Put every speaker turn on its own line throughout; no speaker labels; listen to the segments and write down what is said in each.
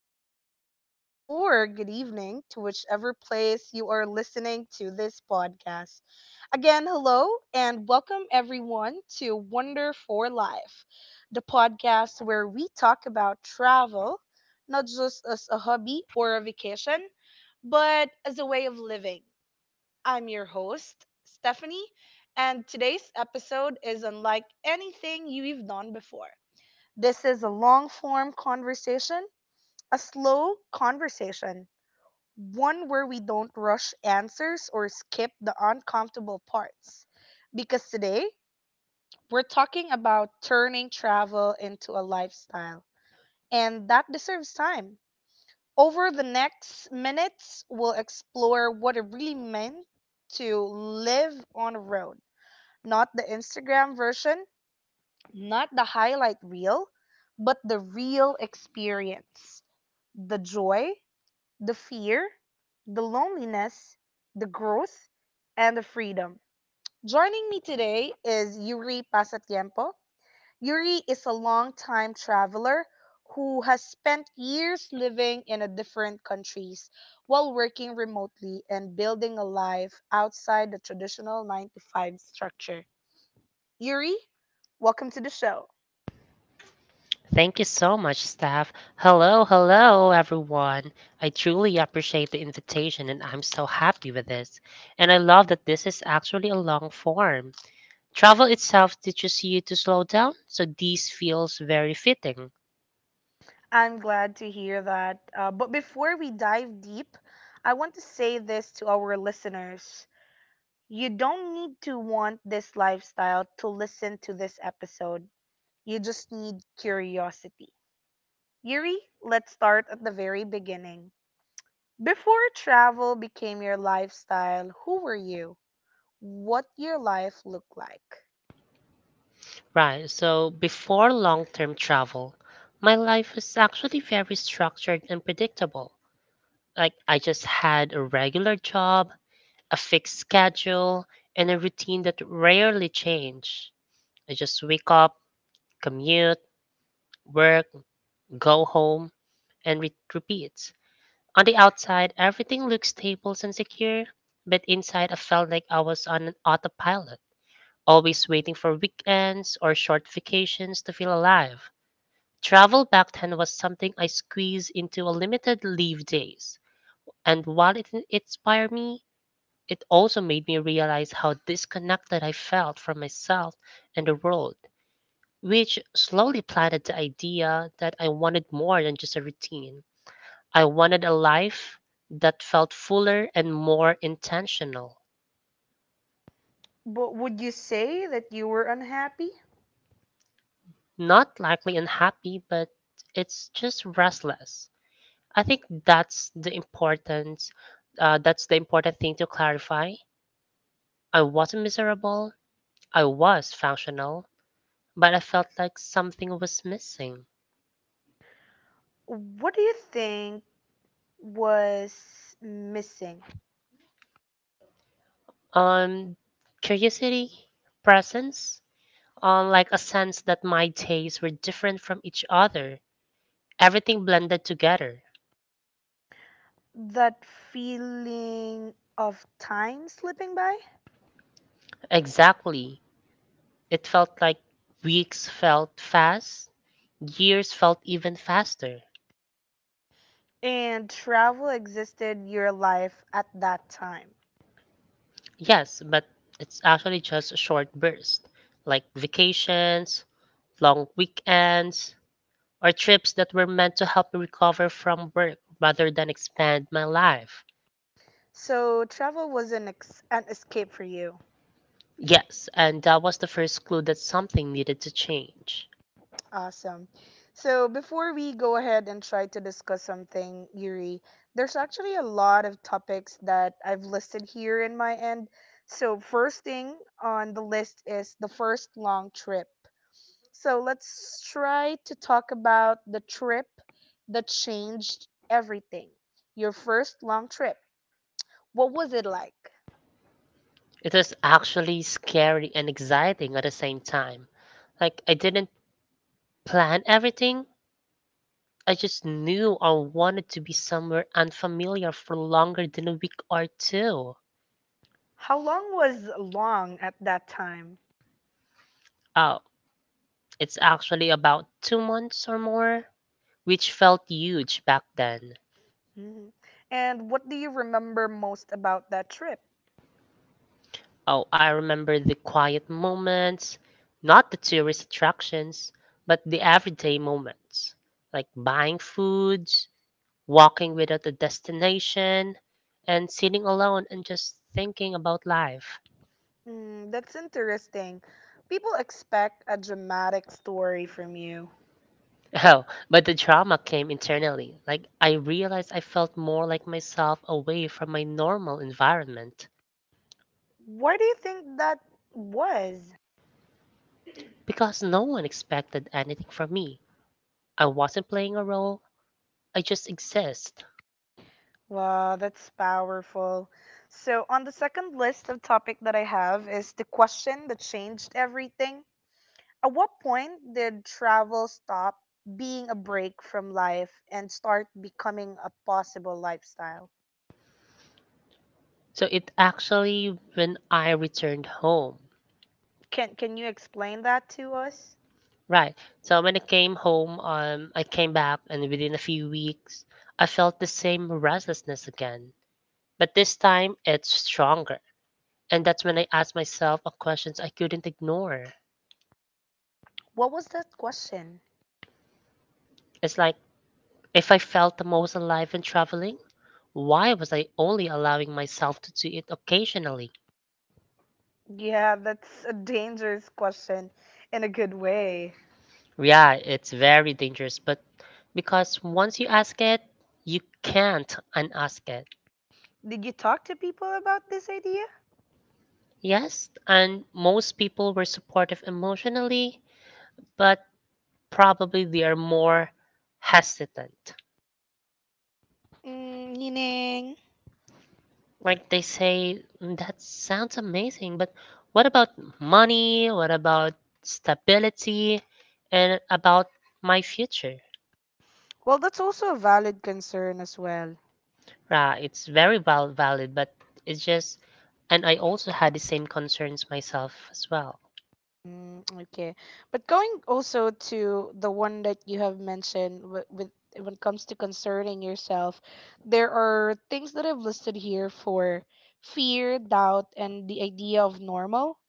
good afternoon, or good evening to whichever place you are listening to this podcast. Again, hello and welcome everyone to Wonder for Life, the podcast where we talk about travel, not just as a hobby or a vacation, but as a way of living. I'm your host, Stephanie, and today's episode is unlike anything you've done before. This is a long form conversation, a slow conversation, one where we don't rush answers or skip the uncomfortable parts. Because today, we're talking about turning travel into a lifestyle, and that deserves time. Over the next minutes, we'll explore what it really meant to live on a road, not the Instagram version, not the highlight reel, but the real experience. The joy, the fear, the loneliness, the growth, and the freedom. Joining me today is Yuri Pasatiempo. Yuri is a long-time traveler who has spent years living in a different countries while working remotely and building a life outside the traditional 9 to 5 structure. Yuri, welcome to the show.
Thank you so much, staff. Hello, hello, everyone. I truly appreciate the invitation, and I'm so happy with this. And I love that this is actually a long form. Travel itself teaches you to slow down, so this feels very fitting.
I'm glad to hear that. But before we dive deep, I want to say this to our listeners. You don't need to want this lifestyle to listen to this episode. You just need curiosity. Yuri, let's start at the very beginning. Before travel became your lifestyle, who were you? What your life looked like?
Right, so before long term travel, my life was actually very structured and predictable. Like, I just had a regular job, a fixed schedule, and a routine that rarely changed. I just wake up, commute, work, go home, and repeats. On the outside, everything looked stable and secure, but inside I felt like I was on an autopilot, always waiting for weekends or short vacations to feel alive. Travel back then was something I squeezed into a limited leave days, and while it inspired me, it also made me realize how disconnected I felt from myself and the world, which slowly planted the idea that I wanted more than just a routine. I wanted a life that felt fuller and more intentional.
But would you say that you were unhappy?
Not likely unhappy, but it's just restless. I think that's the important thing to clarify. I wasn't miserable. I was functional, but I felt like something was missing.
What do you think was missing?
Um, Curiosity, presence, like a sense that my tastes were different from each other. Everything blended together.
That feeling of time slipping by.
Exactly. It felt like weeks felt fast, years felt even faster.
And travel existed your life at that time.
Yes, but it's actually just a short burst, like vacations, long weekends, or trips that were meant to help me recover from work rather than expand my life.
So travel was an, an escape for you.
Yes, and that was the first clue that something needed to change.
Awesome. So before we go ahead and try to discuss something, Yuri, there's actually a lot of topics that I've listed here in my end. So first thing on the list is the first long trip. So let's try to talk about the trip that changed everything. Your first long trip. What was it like?
It was actually scary and exciting at the same time. Like, I didn't plan everything, I just knew I wanted to be somewhere unfamiliar for longer than a week or two.
How long was long at that time?
Oh, it's actually about 2 months or more, which felt huge back then.
Mhm. And what do you remember most about that trip?
Oh, I remember the quiet moments, not the tourist attractions, but the everyday moments, like buying food, walking without a destination, and sitting alone and just thinking about life.
Mm, that's interesting. People expect a dramatic story from you.
Oh, but the drama came internally. Like, I realized I felt more like myself away from my normal environment
Why do you think that was?
because no one expected anything from me. I wasn't playing a role, I just exist.
Wow, that's powerful. So, on the second list of topic that I have is the question that changed everything. At what point did travel stop being a break from life and start becoming a possible lifestyle?
So, it actually, when I returned home,
Can you explain that to us?
right? So, when I came home, I came back, and within a few weeks, I felt the same restlessness again. But this time it's stronger. And that's when I asked myself a questions I couldn't ignore.
What was that question?
It's like, if I felt the most alive when traveling, why was I only allowing myself to do it occasionally?
Yeah, that's a dangerous question in a good way.
Yeah, it's very dangerous, but because once you ask it, you can't unask it.
Did you talk to people about this idea?
Yes, and most people were supportive emotionally, but probably they are more hesitant.
Mm, meaning?
Like they say, "Mm, that sounds amazing, but what about money? What about stability? And about my future?"
Well, that's also a valid concern as well.
It's very valid, but it's just, and I also had the same concerns myself as well.
Mm, okay. But going also to the one that you have mentioned with when it comes to concerning yourself, there are things that I've listed here for fear, doubt, and the idea of normal.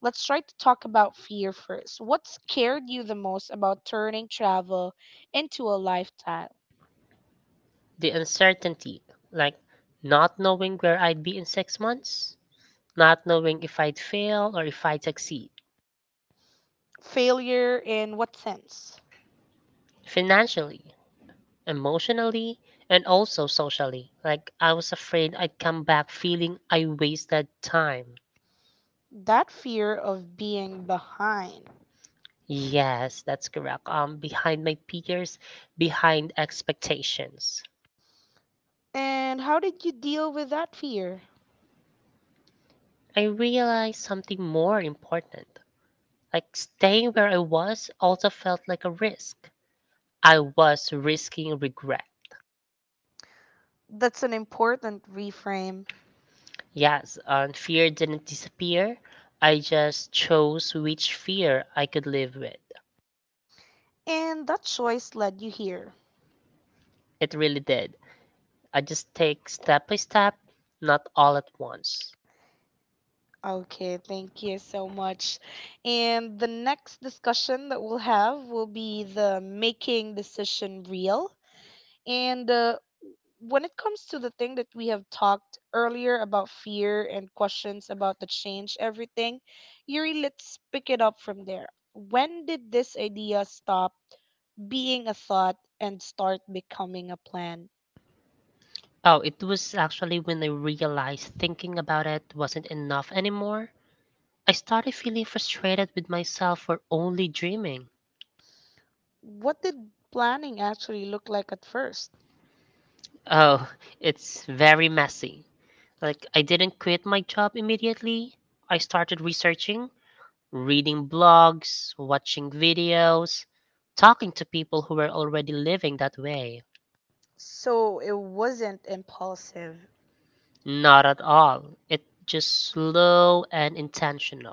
Let's try to talk about fear first. What scared you the most about turning travel into a lifestyle?
The uncertainty, like not knowing where I'd be in 6 months, not knowing if I'd fail or if I'd succeed
Failure in what sense?
financially, emotionally, and also socially. Like I was afraid I'd come back feeling I wasted time.
That fear of being behind.
Yes, that's correct. Behind my peers, behind expectations.
And how did you deal with that fear?
I realized something more important. Like staying where I was also felt like a risk. I was risking regret.
That's an important reframe.
Yes, and fear didn't disappear. I just chose which fear I could live with.
And that choice led you here.
It really did. I just take step by step, not all at once.
Okay, thank you so much. And the next discussion that we'll have will be the making decision real. And when it comes to the thing that we have talked earlier about fear and questions about the change, everything, Yuri, let's pick it up from there. When did this idea stop being a thought and start becoming a plan?
Oh, it was actually when I realized thinking about it wasn't enough anymore. I started feeling frustrated with myself for only dreaming.
What did planning actually look like at first?
Oh, it's very messy. Like, I didn't quit my job immediately. I started researching, reading blogs, watching videos, talking to people who were already living that way.
So it wasn't impulsive.
Not at all. It just slow and intentional.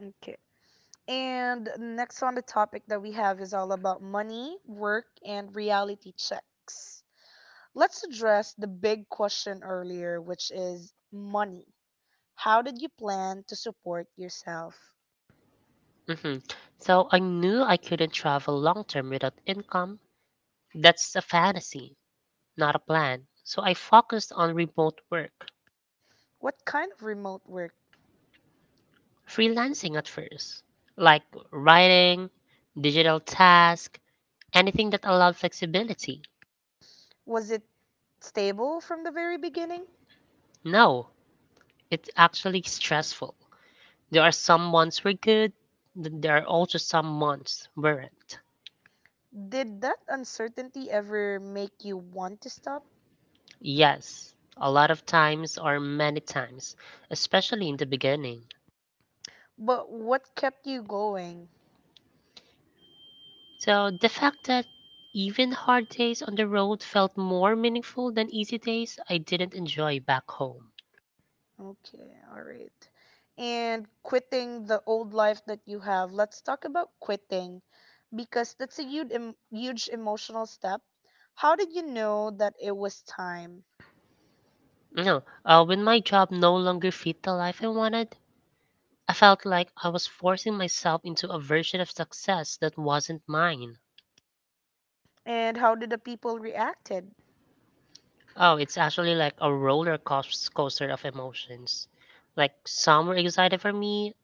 Okay. And next on the topic that we have is all about money, work, and reality checks. Let's address the big question earlier, which is money. How did you plan to support yourself?
hmm So I knew I couldn't travel long term without income. That's a fantasy, not a plan. So I focused on remote work,
What kind of remote work?
freelancing at first, like writing, digital task, anything that allowed flexibility.
Was it stable from the very beginning?
No, it's actually stressful. There are some months we're good, there are also some months weren't.
Did that uncertainty ever make you want to stop?
Yes, a lot of times or many times, especially in the beginning.
But what kept you going?
So the fact that even hard days on the road felt more meaningful than easy days I didn't enjoy back home.
Okay, all right. And quitting the old life that you have. Let's talk about quitting because that's a huge, huge emotional step. How did you know that it was time?
No, when my job no longer fit the life I wanted, I felt like I was forcing myself into a version of success that wasn't mine.
And how did the people reacted?
Oh, it's actually like a roller coaster of emotions. Like some were excited for me,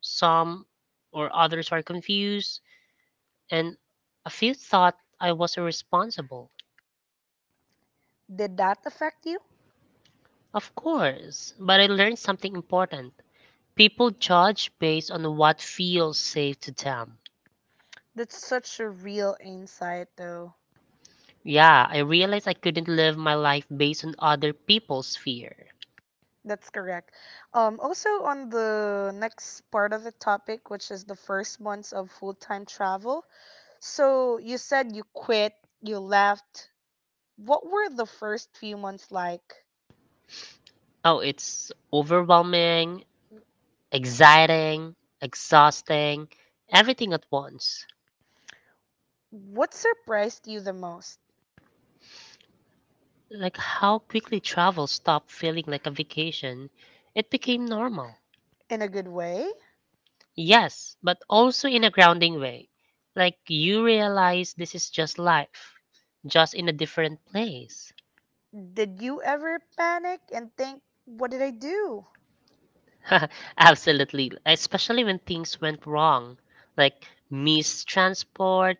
some or others were confused, and a few thought I was irresponsible.
Did that affect you?
Of course, but I learned something important. People judge based on what feels safe to them.
That's such a real insight though.
Yeah, I realized I couldn't live my life based on other people's fear.
That's correct. Also on the next part of the topic which is the first months of full-time travel. So you said you quit, you left. What were the first few months like?
Oh, it's overwhelming, exciting, exhausting, everything at once.
What surprised you the most?
Like how quickly travel stopped feeling like a vacation. It became normal.
In a good way?
Yes, but also in a grounding way. Like you realize this is just life, just in a different place.
Did you ever panic and think, what did I do?
Absolutely, especially when things went wrong, like missed transport,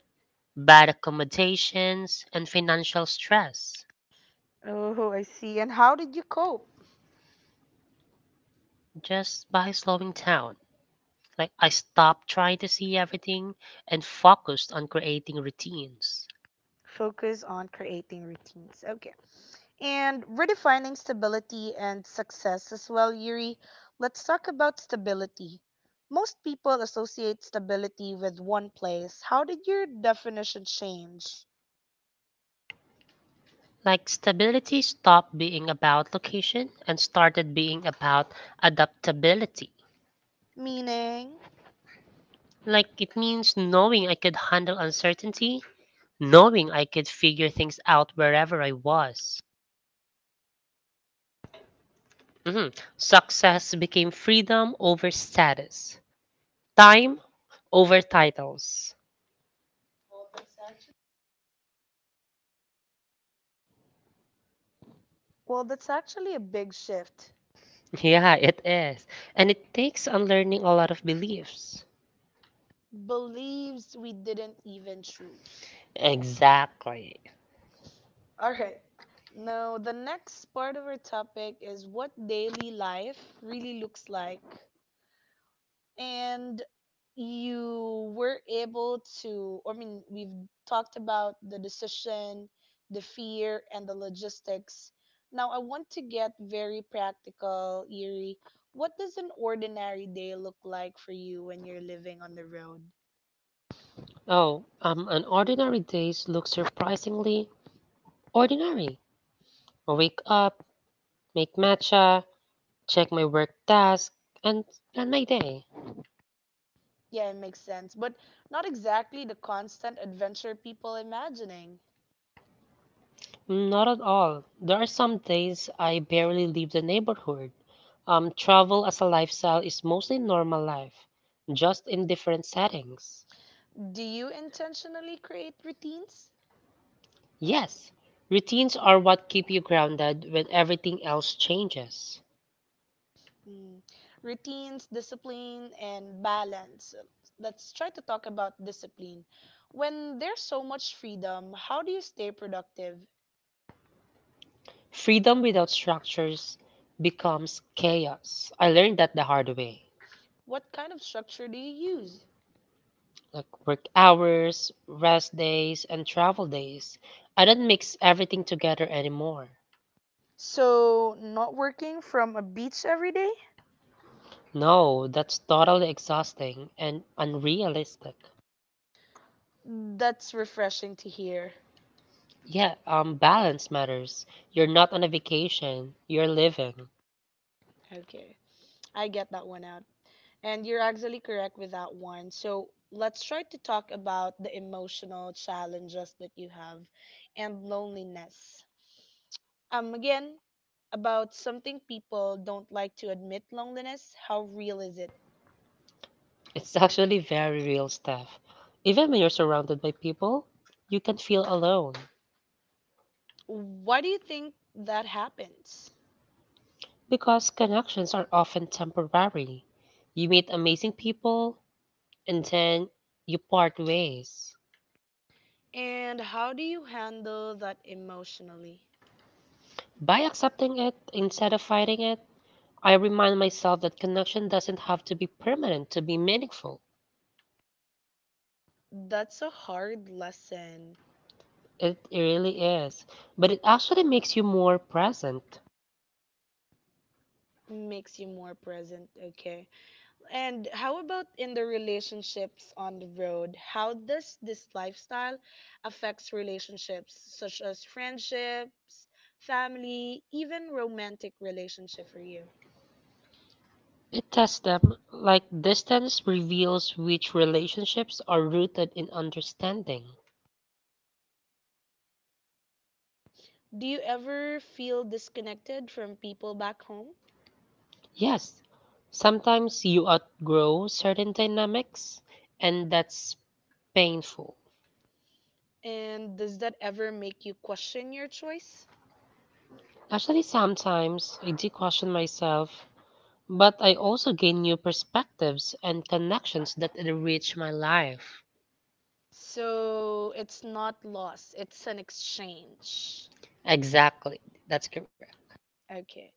bad accommodations, and financial stress.
Oh, I see. And how did you cope?
Just by slowing down, like I stopped trying to see everything and focused on creating routines.
Focus on creating routines. Okay. And redefining stability and success as well, Yuri. Let's talk about stability. Most people associate stability with one place. How did your definition change?
Like stability stopped being about location and started being about adaptability.
Meaning?
Like it means knowing I could handle uncertainty, knowing I could figure things out wherever I was. Mhm. Success became freedom over status, time over titles.
Well, that's actually a big shift.
Yeah, it is. And it takes unlearning a lot of beliefs.
Believes we didn't even choose.
Exactly.
All right. Now, the next part of our topic is what daily life really looks like and you were able to, I mean, we've talked about the decision, the fear and the logistics. Now I want to get very practical, Yuri. What does an ordinary day look like for you when you're living on the road?
Oh, an ordinary days look surprisingly ordinary. Wake up, make matcha, check my work task, and plan my day.
Yeah, it makes sense but not exactly the constant adventure people imagining.
Not at all. There are some days I barely leave the neighborhood. Travel as a lifestyle is mostly normal life, just in different settings.
Do you intentionally create routines?
Yes, routines are what keep you grounded when everything else changes.
Mm. Routines, discipline, and balance. Let's try to talk about discipline. When there's so much freedom, how do you stay productive?
Freedom without structures becomes chaos. I learned that the hard way.
What kind of structure do you use?
Like work hours, rest days, and travel days. I don't mix everything together anymore.
So, not working from a beach every day?
No, that's totally exhausting and unrealistic.
That's refreshing to hear.
Yeah, balance matters. You're not on a vacation, you're living.
Okay, I get that one out. And you're actually correct with that one. So let's try to talk about the emotional challenges that you have and loneliness. Again, about something people don't like to admit loneliness. How real is it?
It's actually very real stuff. Even when you're surrounded by people, you can feel alone
Why do you think that happens?
because connections are often temporary. You meet amazing people and then you part ways.
And how do you handle that emotionally?
By accepting it instead of fighting it, I remind myself that connection doesn't have to be permanent to be meaningful.
That's a hard lesson.
It really is, but it actually makes you more present.
Makes you more present, okay? And how about in the relationships on the road? How does this lifestyle affects relationships such as friendships, family, even romantic relationship for you?
It tests them like distance reveals which relationships are rooted in understanding.
Do you ever feel disconnected from people back home?
Yes, sometimes you outgrow certain dynamics, and that's painful.
And does that ever make you question your choice?
Actually, sometimes I do question myself, but I also gain new perspectives and connections that enrich my life.
So, it's not loss, it's an exchange.
Exactly. That's correct.
Okay.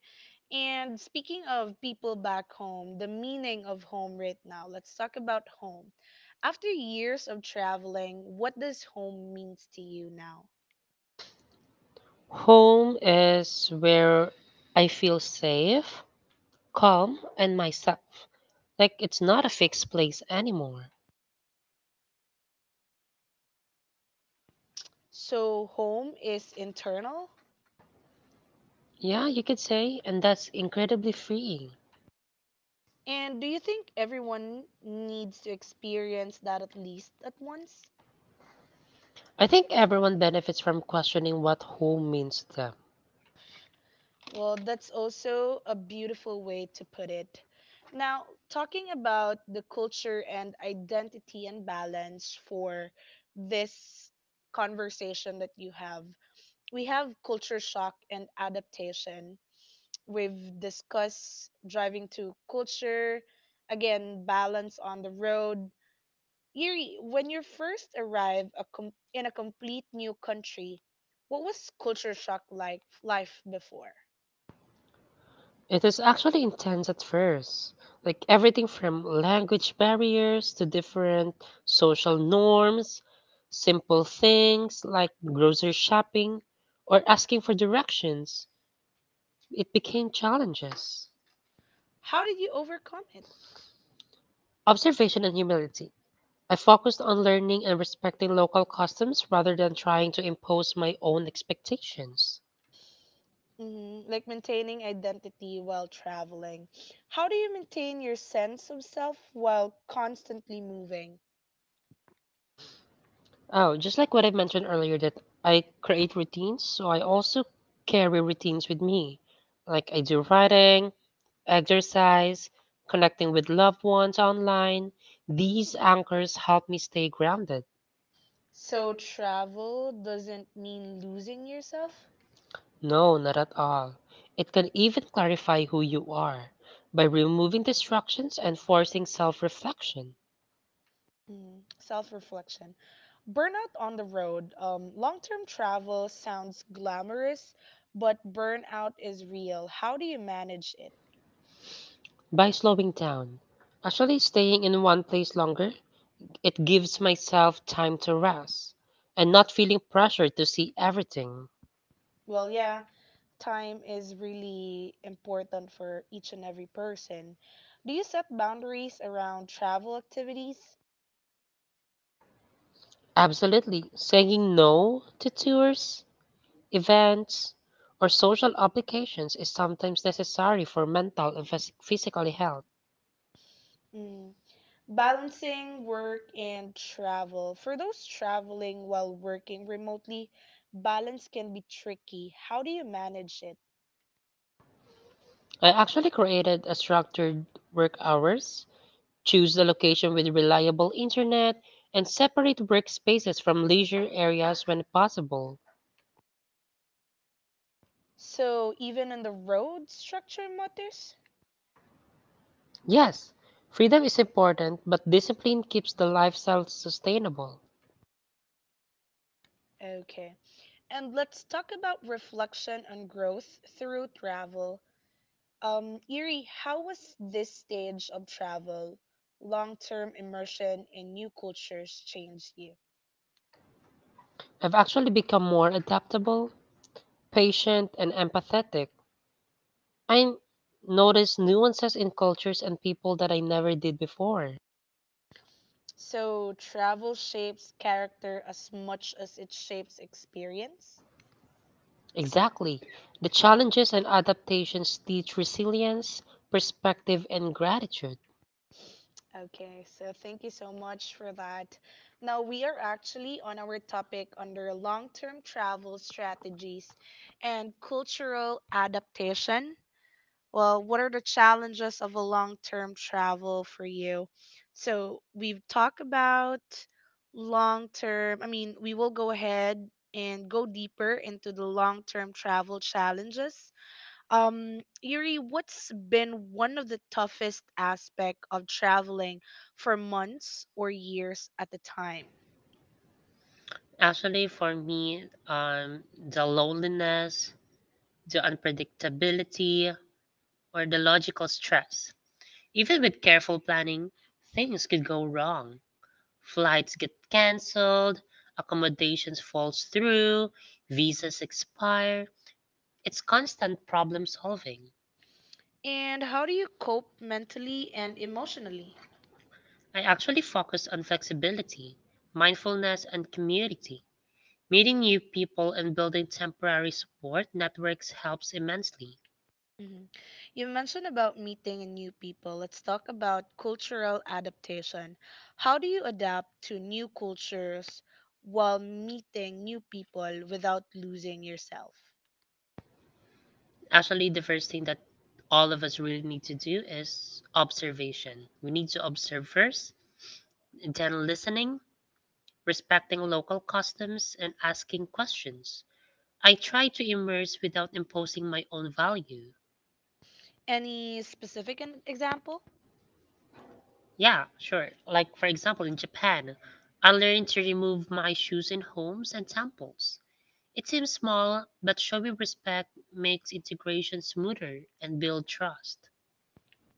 And speaking of people back home, the meaning of home right now, let's talk about home. After years of traveling, what does home means to you now?
Home is where I feel safe, calm, and myself. Like it's not a fixed place anymore.
So, home is internal.
Yeah, you could say, and that's incredibly freeing.
And do you think everyone needs to experience that at least at once?
I think everyone benefits from questioning what home means to them.
Well, that's also a beautiful way to put it. Now, talking about the culture and identity and balance for this conversation that you have, we have culture shock and adaptation. We've discussed driving to culture, again, balance on the road. Yuri, when you first arrived in a complete new country, what was culture shock like life before?
It is actually intense at first, like everything from language barriers to different social norms, simple things like grocery shopping or asking for directions. It became challenges.
How did you overcome it?
Observation and humility. I focused on learning and respecting local customs rather than trying to impose my own expectations.
Hmm. Like maintaining identity while traveling. How do you maintain your sense of self while constantly moving?
Oh, just like what I mentioned earlier, that I create routines, so I also carry routines with me. Like I do writing, exercise, connecting with loved ones online. These anchors help me stay grounded.
So, travel doesn't mean losing yourself?
No, not at all. It can even clarify who you are by removing distractions and forcing self reflection,
Mm, self-reflection. Burnout on the road. Long-term travel sounds glamorous, but burnout is real. How do you manage it?
by slowing down. Actually, staying in one place longer, it gives myself time to rest and not feeling pressure to see everything.
Well, yeah, time is really important for each and every person. Do you set boundaries around travel activities?
Absolutely. Saying no to tours, events, or social obligations is sometimes necessary for mental and physical health.
Mm, balancing work and travel. For those traveling while working remotely, balance can be tricky. How do you manage it?
I actually created a structured work hours, choose the location with reliable internet, and separate workspaces from leisure areas when possible.
So, even in the road structure matters?
Yes, freedom is important, but discipline keeps the lifestyle sustainable.
Okay. And let's talk about reflection and growth through travel. Erie, how was this stage of travel, long term immersion in new cultures, changed you?
I've actually become more adaptable, patient, and empathetic. I notice nuances in cultures and people that I never did before.
So, travel shapes character as much as it shapes experience?
Exactly. The challenges and adaptations teach resilience, perspective, and gratitude.
Okay, so thank you so much for that. Now we are actually on our topic under long term travel strategies and cultural adaptation. Well, what are the challenges of a long term travel for you? So we've talked about long term, I mean, we will go ahead and go deeper into the long term travel challenges. Yuri, what's been one of the toughest aspect of traveling for months or years at a time?
Actually, for me, the loneliness, the unpredictability, or the logical stress. Even with careful planning, things could go wrong. Flights get canceled, accommodations falls through, visas expire. It's constant problem solving.
And how do you cope mentally and emotionally?
I actually focus on flexibility, mindfulness, and community. Meeting new people and building temporary support networks helps immensely.
Mhm. You mentioned about meeting new people. Let's talk about cultural adaptation. How do you adapt to new cultures while meeting new people without losing yourself?
Actually, the first thing that all of us really need to do is observation. We need to observe first, then listening, respecting local customs, and asking questions. I try to immerse without imposing my own value.
Any specific example?
Yeah, sure. Like, for example, in Japan, I learned to remove my shoes in homes and temples. It seems small, but showing respect makes integration smoother and build trust.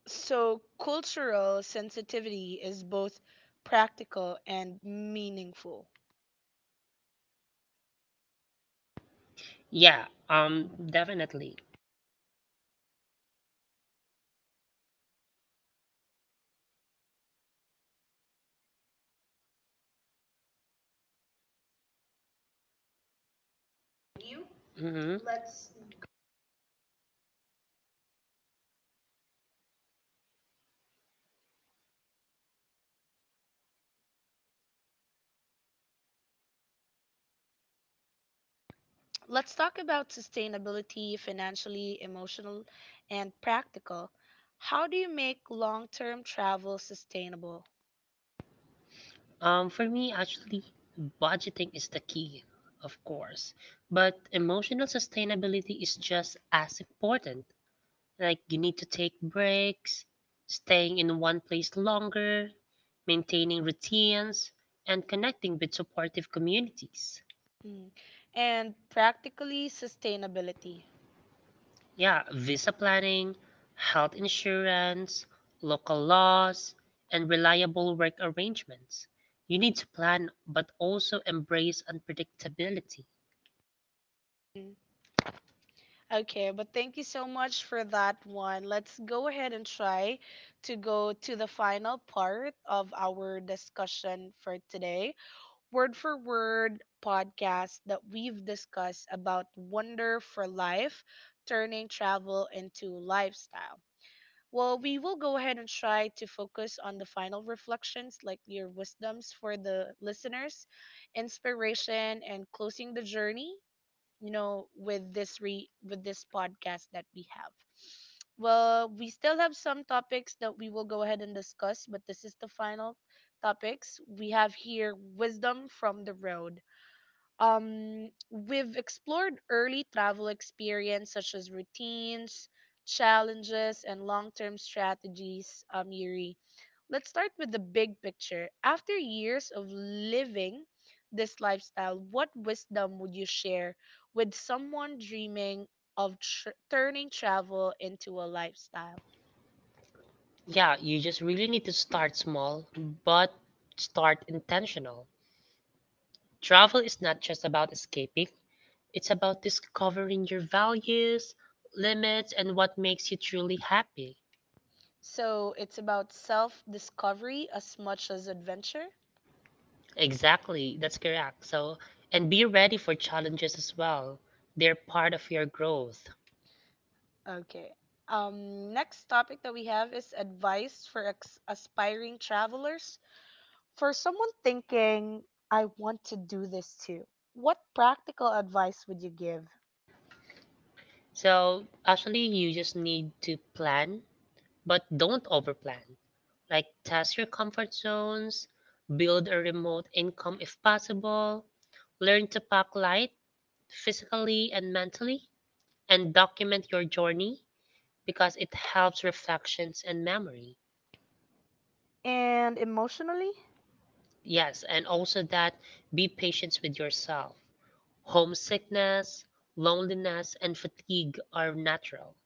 So, cultural sensitivity is both practical and meaningful.
Yeah, definitely. Hmm.
Let's talk about sustainability, financially, emotional, and practical. How do you make long term travel sustainable?
For me, actually, budgeting is the key, of course, but emotional sustainability is just as important. Like you need to take breaks, staying in one place longer, maintaining routines, and connecting with supportive communities.
Mm. And practically sustainability.
Yeah, visa planning, health insurance, local laws, and reliable work arrangements. You need to plan but also embrace unpredictability.
Mm. Okay, but thank you so much for that one. Let's go ahead and try to go to the final part of our discussion for today word for word podcast that we've discussed about Wonder for Life, turning travel into lifestyle. Well, we will go ahead and try to focus on the final reflections, like your wisdoms for the listeners, inspiration, and closing the journey, you know, with this re with this podcast that we have. Well, we still have some topics that we will go ahead and discuss, but this is the final topics we have here. Wisdom from the road. We've explored early travel experience such as routines, challenges, and long-term strategies. Yuri, let's start with the big picture. After years of living this lifestyle, what wisdom would you share with someone dreaming of turning travel into a lifestyle?
Yeah, you just really need to start small, but start intentional. Travel is not just about escaping. It's about discovering your values, limits, and what makes you truly happy.
So it's about self discovery as much as adventure.
Exactly, that's correct. So, and be ready for challenges as well. They're part of your growth.
Okay. Next topic that we have is advice for aspiring travelers. For someone thinking, I want to do this too, what practical advice would you give?
So, actually, you just need to plan, but don't overplan. Like, test your comfort zones, build a remote income if possible, learn to pack light physically and mentally, and document your journey because it helps reflections and memory.
And emotionally.
Yes, and also that be patient with yourself. Homesickness, loneliness, and fatigue are natural.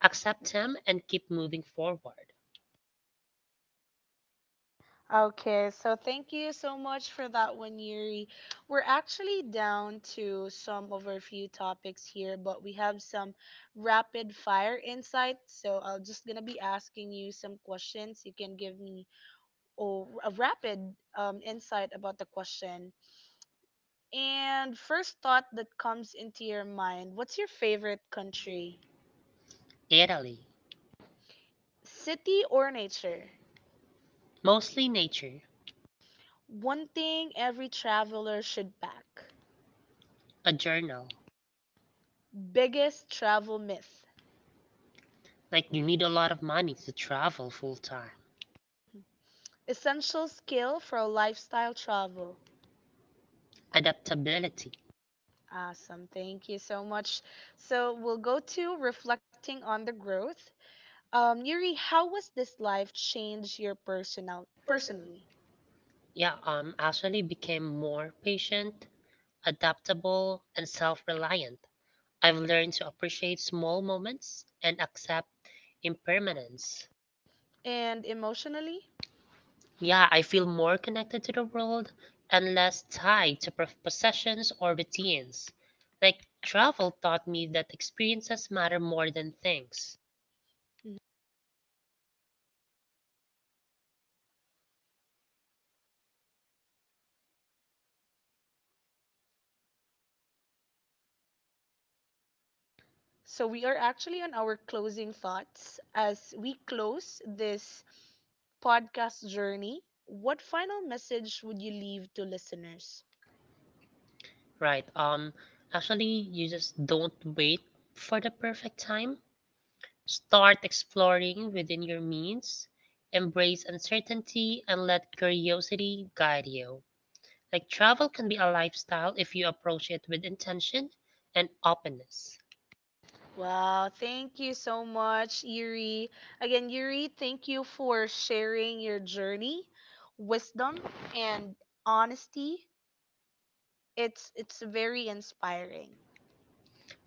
Accept them and keep moving forward.
Okay, so thank you so much for that one, Yuri. We're actually down to some of our few topics here, but we have some rapid fire insights. So I'm just gonna be asking you some questions. You can give me oh, a rapid insight about the question. And first thought that comes into your mind, what's your favorite country?
Italy.
City or nature?
Mostly nature.
One thing every traveler should pack.
A journal.
Biggest travel myth.
Like you need a lot of money to travel full time.
Essential skill for lifestyle travel.
Adaptability.
Awesome. Thank you so much. So we'll go to reflecting on the growth. Yuri, how was this life change your personally
Yeah, actually became more patient, adaptable, and self-reliant. I've learned to appreciate small moments and accept impermanence.
and emotionally?
Yeah, I feel more connected to the world and less tied to possessions or routines. Like travel taught me that experiences matter more than things.
Mhm. So we are actually on our closing thoughts as we close this podcast journey. What final message would you leave to listeners?
Right. Actually, you just don't wait for the perfect time. Start exploring within your means, embrace uncertainty, and let curiosity guide you. Like travel can be a lifestyle if you approach it with intention and openness.
Wow, thank you so much, Yuri. Again, Yuri, thank you for sharing your journey, wisdom, and honesty. It's very inspiring.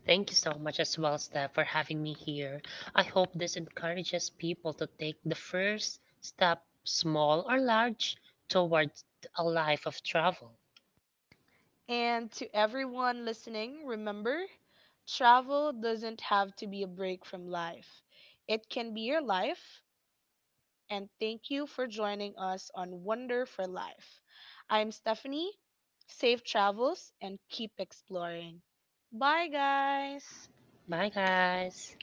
Thank you so much as well, Steph, for having me here. I hope this encourages people to take the first step, small or large, towards a life of travel.
And to everyone listening, remember, travel doesn't have to be a break from life. It can be your life. And thank you for joining us on Wonder for Life. I'm Stephanie. Safe travels and keep exploring. Bye, guys.
Bye, guys.